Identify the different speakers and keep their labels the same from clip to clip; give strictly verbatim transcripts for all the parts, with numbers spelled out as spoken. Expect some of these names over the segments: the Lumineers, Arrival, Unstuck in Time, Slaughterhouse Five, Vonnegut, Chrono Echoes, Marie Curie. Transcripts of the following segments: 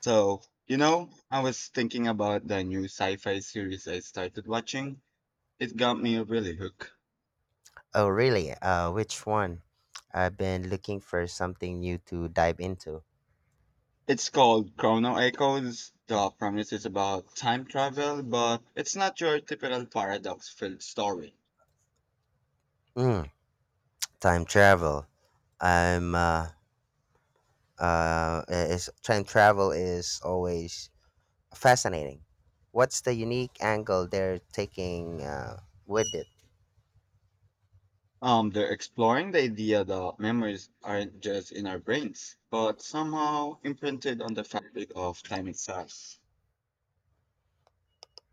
Speaker 1: So, you know, I was thinking about the new sci-fi series I started watching. It got me really hooked.
Speaker 2: Oh, really? Uh, which one? I've been looking for something new to dive into.
Speaker 1: It's called Chrono Echoes. The premise is about time travel, but it's not your typical paradox-filled story.
Speaker 2: Mm, time travel. I'm uh, uh, is, Time travel is always fascinating. What's the unique angle they're taking uh, with it?
Speaker 1: Um, they're exploring the idea that memories aren't just in our brains, but somehow imprinted on the fabric of time itself.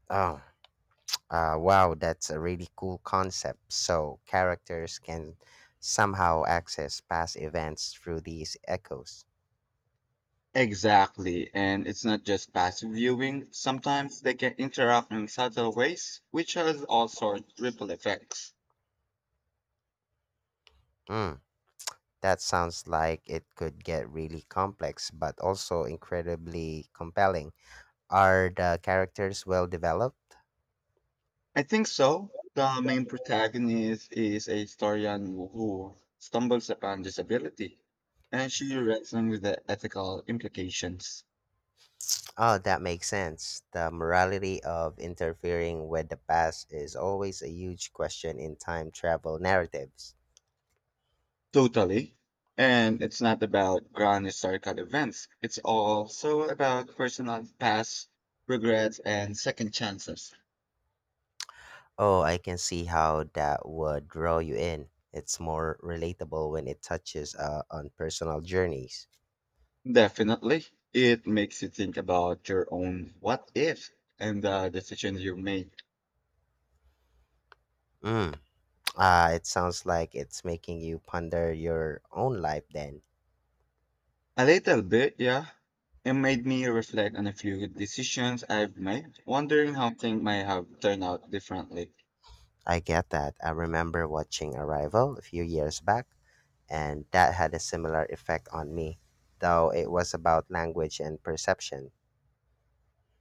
Speaker 2: Oh, uh, wow, that's a really cool concept. So characters can somehow access past events through these echoes.
Speaker 1: Exactly, and it's not just passive viewing. Sometimes they can interact in subtle ways, which has all sorts of ripple effects.
Speaker 2: Hmm. That sounds like it could get really complex, but also incredibly compelling. Are the characters well developed?
Speaker 1: I think so. The main protagonist is a historian who stumbles upon disability, and she wrestling with the ethical implications.
Speaker 2: Oh, that makes sense. The morality of interfering with the past is always a huge question in time travel narratives.
Speaker 1: Totally. And it's not about grand historical events. It's also about personal past regrets and second chances.
Speaker 2: Oh, I can see how that would draw you in. It's more relatable when it touches uh, on personal journeys.
Speaker 1: Definitely. It makes you think about your own what ifs and the decisions you made.
Speaker 2: Mm. Uh, it sounds like it's making you ponder your own life then.
Speaker 1: A little bit, yeah. It made me reflect on a few decisions I've made, wondering how things might have turned out differently.
Speaker 2: I get that. I remember watching Arrival a few years back, and that had a similar effect on me, though it was about language and perception.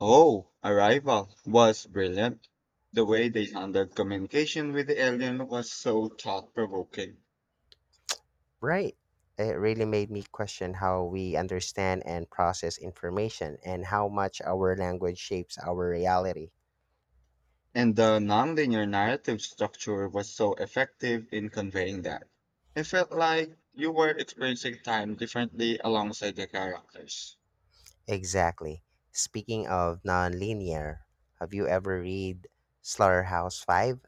Speaker 1: Oh, Arrival was brilliant. The way they handled communication with the alien was so thought provoking.
Speaker 2: Right. It really made me question how we understand and process information and how much our language shapes our reality.
Speaker 1: And the nonlinear narrative structure was so effective in conveying that. It felt like you were experiencing time differently alongside the characters.
Speaker 2: Exactly. Speaking of nonlinear, have you ever read Slaughterhouse Five?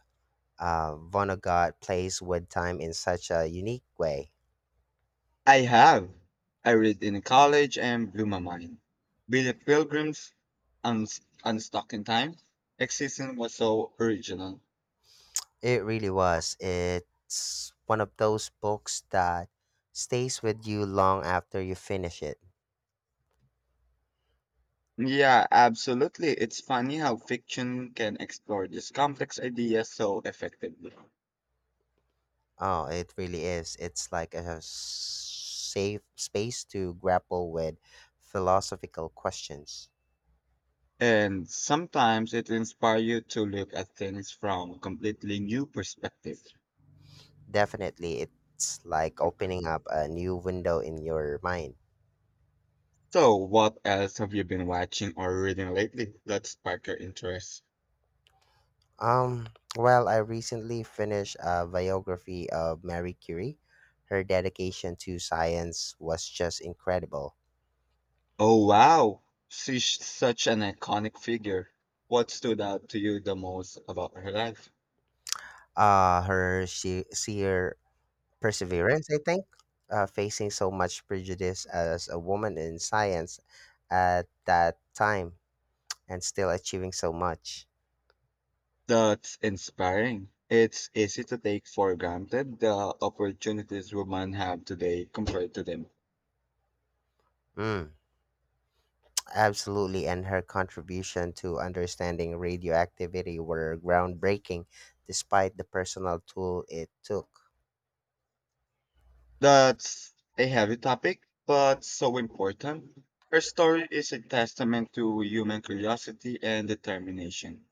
Speaker 2: Uh, Vonnegut plays with time in such a unique way.
Speaker 1: I have. I read in college and blew my mind. Billy Pilgrim's Un- Unstuck in Time. Existence was so original.
Speaker 2: It really was. It's one of those books that stays with you long after you finish it.
Speaker 1: Yeah, absolutely. It's funny how fiction can explore these complex ideas so effectively.
Speaker 2: Oh, it really is. It's like a s- safe space to grapple with philosophical questions.
Speaker 1: And sometimes it inspires you to look at things from a completely new perspective.
Speaker 2: Definitely, it's like opening up a new window in your mind.
Speaker 1: So, what else have you been watching or reading lately that sparked your interest?
Speaker 2: Um, well, I recently finished a biography of Marie Curie. Her dedication to science was just incredible.
Speaker 1: Oh, wow. She's such an iconic figure. What stood out to you the most about her life?
Speaker 2: Uh her she sheer perseverance, I think. Uh, facing so much prejudice as a woman in science at that time and still achieving so much.
Speaker 1: That's inspiring. It's easy to take for granted the opportunities women have today compared to them.
Speaker 2: Mm, absolutely. And her contribution to understanding radioactivity were groundbreaking despite the personal toll it took.
Speaker 1: That's a heavy topic, but so important. Her story is a testament to human curiosity and determination.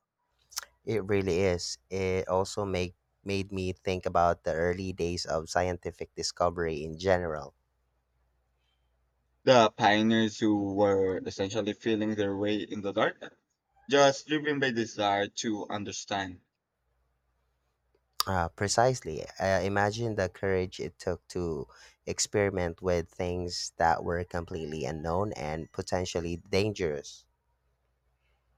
Speaker 2: It really is. It also make, made me think about the early days of scientific discovery in general.
Speaker 1: The pioneers who were essentially feeling their way in the dark, just driven by desire to understand.
Speaker 2: Uh, precisely. Uh, imagine the courage it took to experiment with things that were completely unknown and potentially dangerous.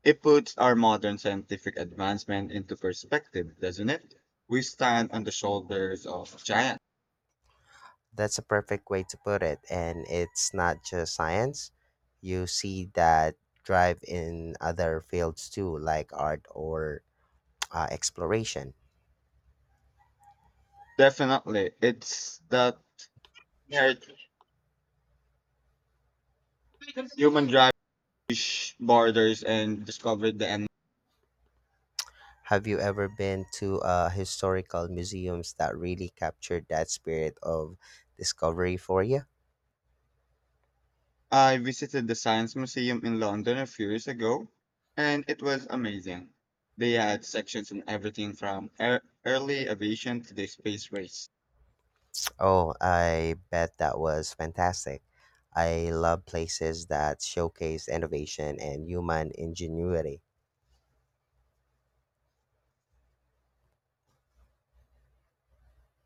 Speaker 1: It puts our modern scientific advancement into perspective, doesn't it? We stand on the shoulders of giants.
Speaker 2: That's a perfect way to put it. And it's not just science. You see that drive in other fields too, like art or uh, exploration.
Speaker 1: Definitely, it's that inherent human drive, which borders and discovered the end.
Speaker 2: Have you ever been to uh, historical museums that really captured that spirit of discovery for you?
Speaker 1: I visited the Science Museum in London a few years ago, and it was amazing. They had sections on everything from ear- early aviation to the space race.
Speaker 2: Oh, I bet that was fantastic. I love places that showcase innovation and human ingenuity.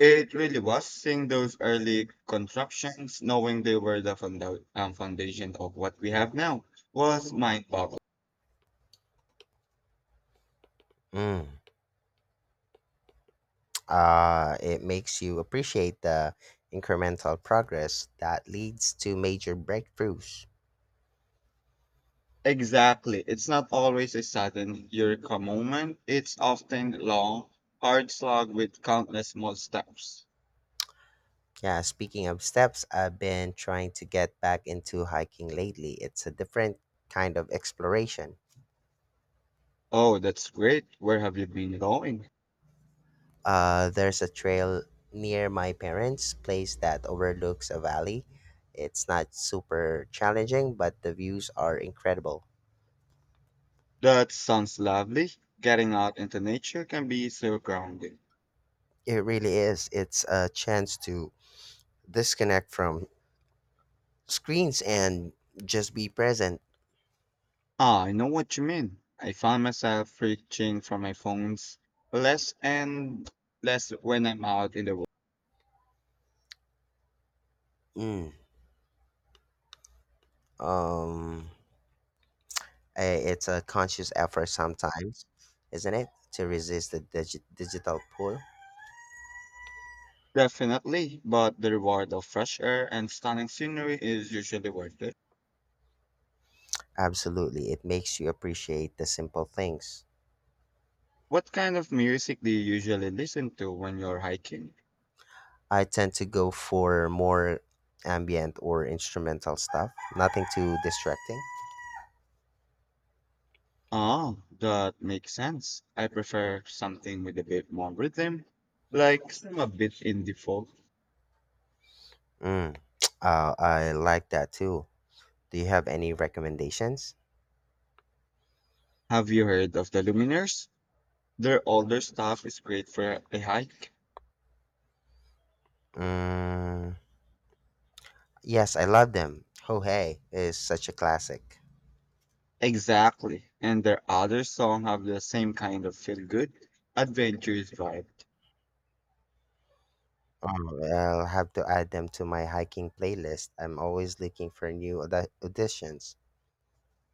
Speaker 1: It really was seeing those early contraptions, knowing they were the founda- um, foundation of what we have now, was mind boggling.
Speaker 2: Mm. Uh, it makes you appreciate the incremental progress that leads to major breakthroughs.
Speaker 1: Exactly. It's not always a sudden eureka moment, it's often long, hard slog with countless small steps.
Speaker 2: Yeah, speaking of steps, I've been trying to get back into hiking lately. It's a different kind of exploration.
Speaker 1: Oh, that's great. Where have you been going?
Speaker 2: Uh, there's a trail near my parents' place that overlooks a valley. It's not super challenging, but the views are incredible.
Speaker 1: That sounds lovely. Getting out into nature can be so grounding.
Speaker 2: It really is. It's a chance to disconnect from screens and just be present.
Speaker 1: Ah, I know what you mean. I found myself reaching for my phones less and less when I'm out in the world.
Speaker 2: Mm. Um, eh, it's a conscious effort sometimes, isn't it? To resist the digi- digital pull.
Speaker 1: Definitely, but the reward of fresh air and stunning scenery is usually worth it.
Speaker 2: Absolutely. It makes you appreciate the simple things.
Speaker 1: What kind of music do you usually listen to when you're hiking?
Speaker 2: I tend to go for more ambient or instrumental stuff, nothing too distracting.
Speaker 1: Ah, that makes sense. I prefer something with a bit more rhythm, like some a bit indie folk.
Speaker 2: Mm. Uh, I like that too. Do you have any recommendations?
Speaker 1: Have you heard of the Lumineers? Their older stuff is great for a hike.
Speaker 2: Mm. Yes, I love them. Oh Hey is such a classic.
Speaker 1: Exactly. And their other song have the same kind of feel good, adventurous vibe.
Speaker 2: Um, I'll have to add them to my hiking playlist. I'm always looking for new audi- auditions.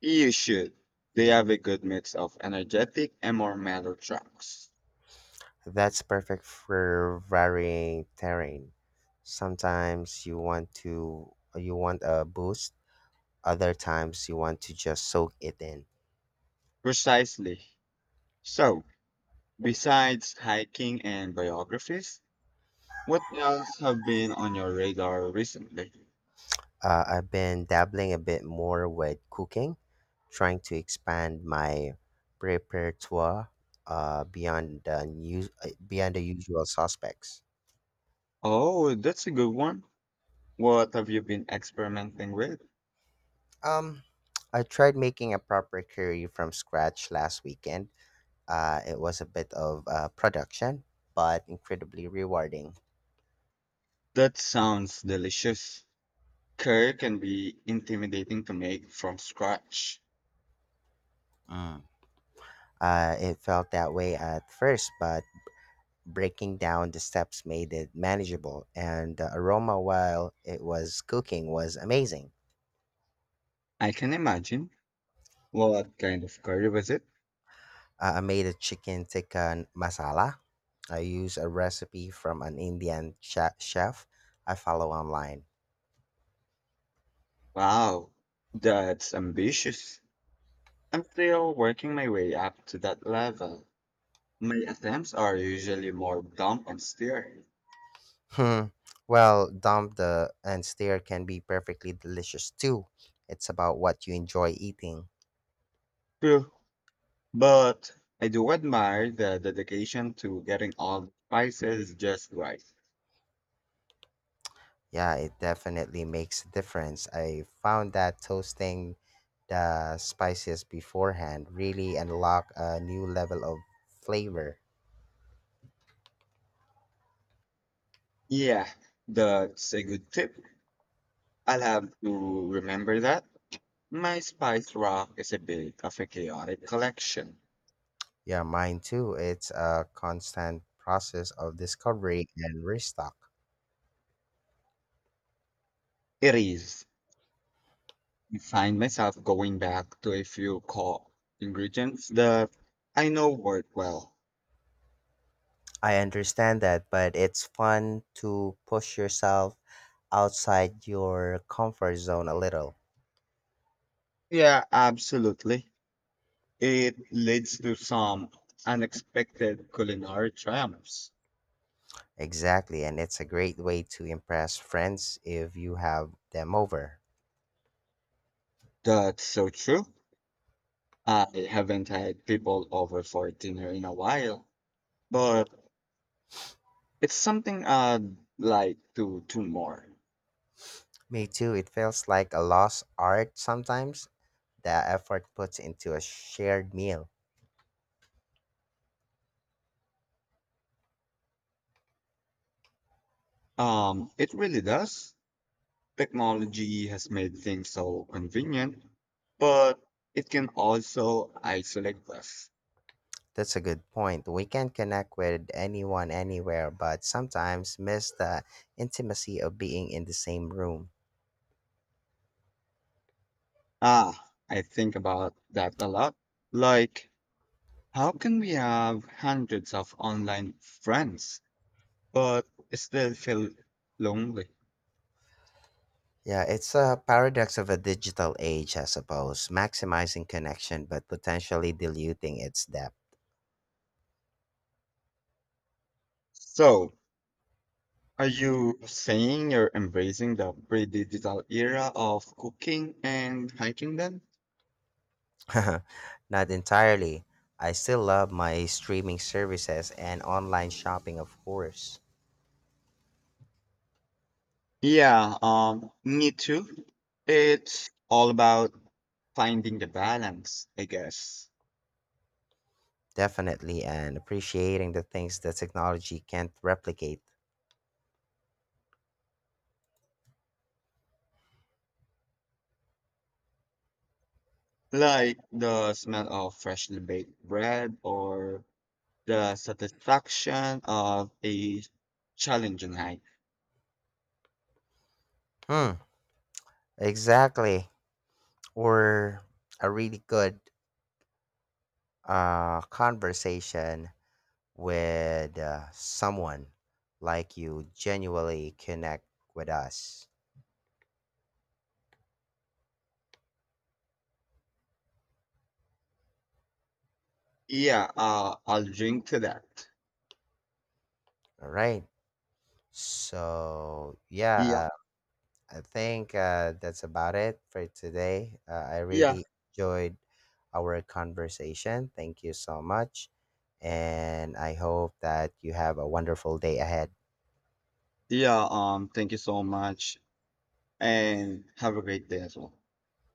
Speaker 1: You should. They have a good mix of energetic and more mellow tracks.
Speaker 2: That's perfect for varying terrain. Sometimes you want to you want a boost, other times you want to just soak it in.
Speaker 1: Precisely. So, besides hiking and biographies, what else have been on your radar recently?
Speaker 2: Uh, I've been dabbling a bit more with cooking, trying to expand my repertoire uh, beyond the new, uh, beyond the usual suspects.
Speaker 1: Oh, that's a good one. What have you been experimenting with?
Speaker 2: Um, I tried making a proper curry from scratch last weekend. Uh, it was a bit of uh, production, but incredibly rewarding.
Speaker 1: That sounds delicious. Curry can be intimidating to make from scratch.
Speaker 2: Mm. Uh, it felt that way at first, but breaking down the steps made it manageable, and the aroma while it was cooking was amazing.
Speaker 1: I can imagine. What kind of curry was it?
Speaker 2: Uh, I made a chicken tikka masala. I used a recipe from an Indian che- chef I follow online.
Speaker 1: Wow, that's ambitious. I'm still working my way up to that level. My attempts are usually more dump and stir.
Speaker 2: Hmm. Well, dump the and stir can be perfectly delicious too. It's about what you enjoy eating.
Speaker 1: True, but I do admire the dedication to getting all the spices just right.
Speaker 2: Yeah, it definitely makes a difference. I found that toasting the spices beforehand really unlock a new level of flavor.
Speaker 1: Yeah, that's a good tip. I'll have to remember that. My spice rack is a bit of a chaotic collection.
Speaker 2: Yeah, mine too. It's a constant process of discovery and restock.
Speaker 1: It is. I find myself going back to a few core ingredients that I know work well.
Speaker 2: I understand that, but it's fun to push yourself outside your comfort zone a little.
Speaker 1: Yeah, absolutely. It leads to some unexpected culinary triumphs.
Speaker 2: Exactly, and it's a great way to impress friends if you have them over.
Speaker 1: That's so true. I haven't had people over for dinner in a while, but it's something I'd like to do more.
Speaker 2: Me too, it feels like a lost art sometimes, the effort puts into a shared meal.
Speaker 1: Um, it really does. Technology has made things so convenient, but it can also isolate us.
Speaker 2: That's a good point. We can connect with anyone anywhere, but sometimes miss the intimacy of being in the same room.
Speaker 1: Ah, I think about that a lot. Like, how can we have hundreds of online friends, but still feel lonely?
Speaker 2: Yeah, it's a paradox of a digital age, I suppose, maximizing connection but potentially diluting its depth.
Speaker 1: So, are you saying you're embracing the pre-digital era of cooking and hiking then?
Speaker 2: Not entirely. I still love my streaming services and online shopping, of course.
Speaker 1: Yeah, um, me too. It's all about finding the balance, I guess.
Speaker 2: Definitely, and appreciating the things that technology can't replicate.
Speaker 1: Like the smell of freshly baked bread or the satisfaction of a challenging night.
Speaker 2: Hmm, exactly. Or a really good a conversation with uh, someone like you genuinely connect with us.
Speaker 1: Yeah, uh, I'll drink to that.
Speaker 2: All right. So,
Speaker 1: Yeah,
Speaker 2: yeah, uh, I think uh, that's about it for today. Uh, I
Speaker 1: yeah,
Speaker 2: really enjoyed our conversation. Thank you so much. And I hope that you have a wonderful day ahead.
Speaker 1: yeah. Um, thank you so much and have a great day as well.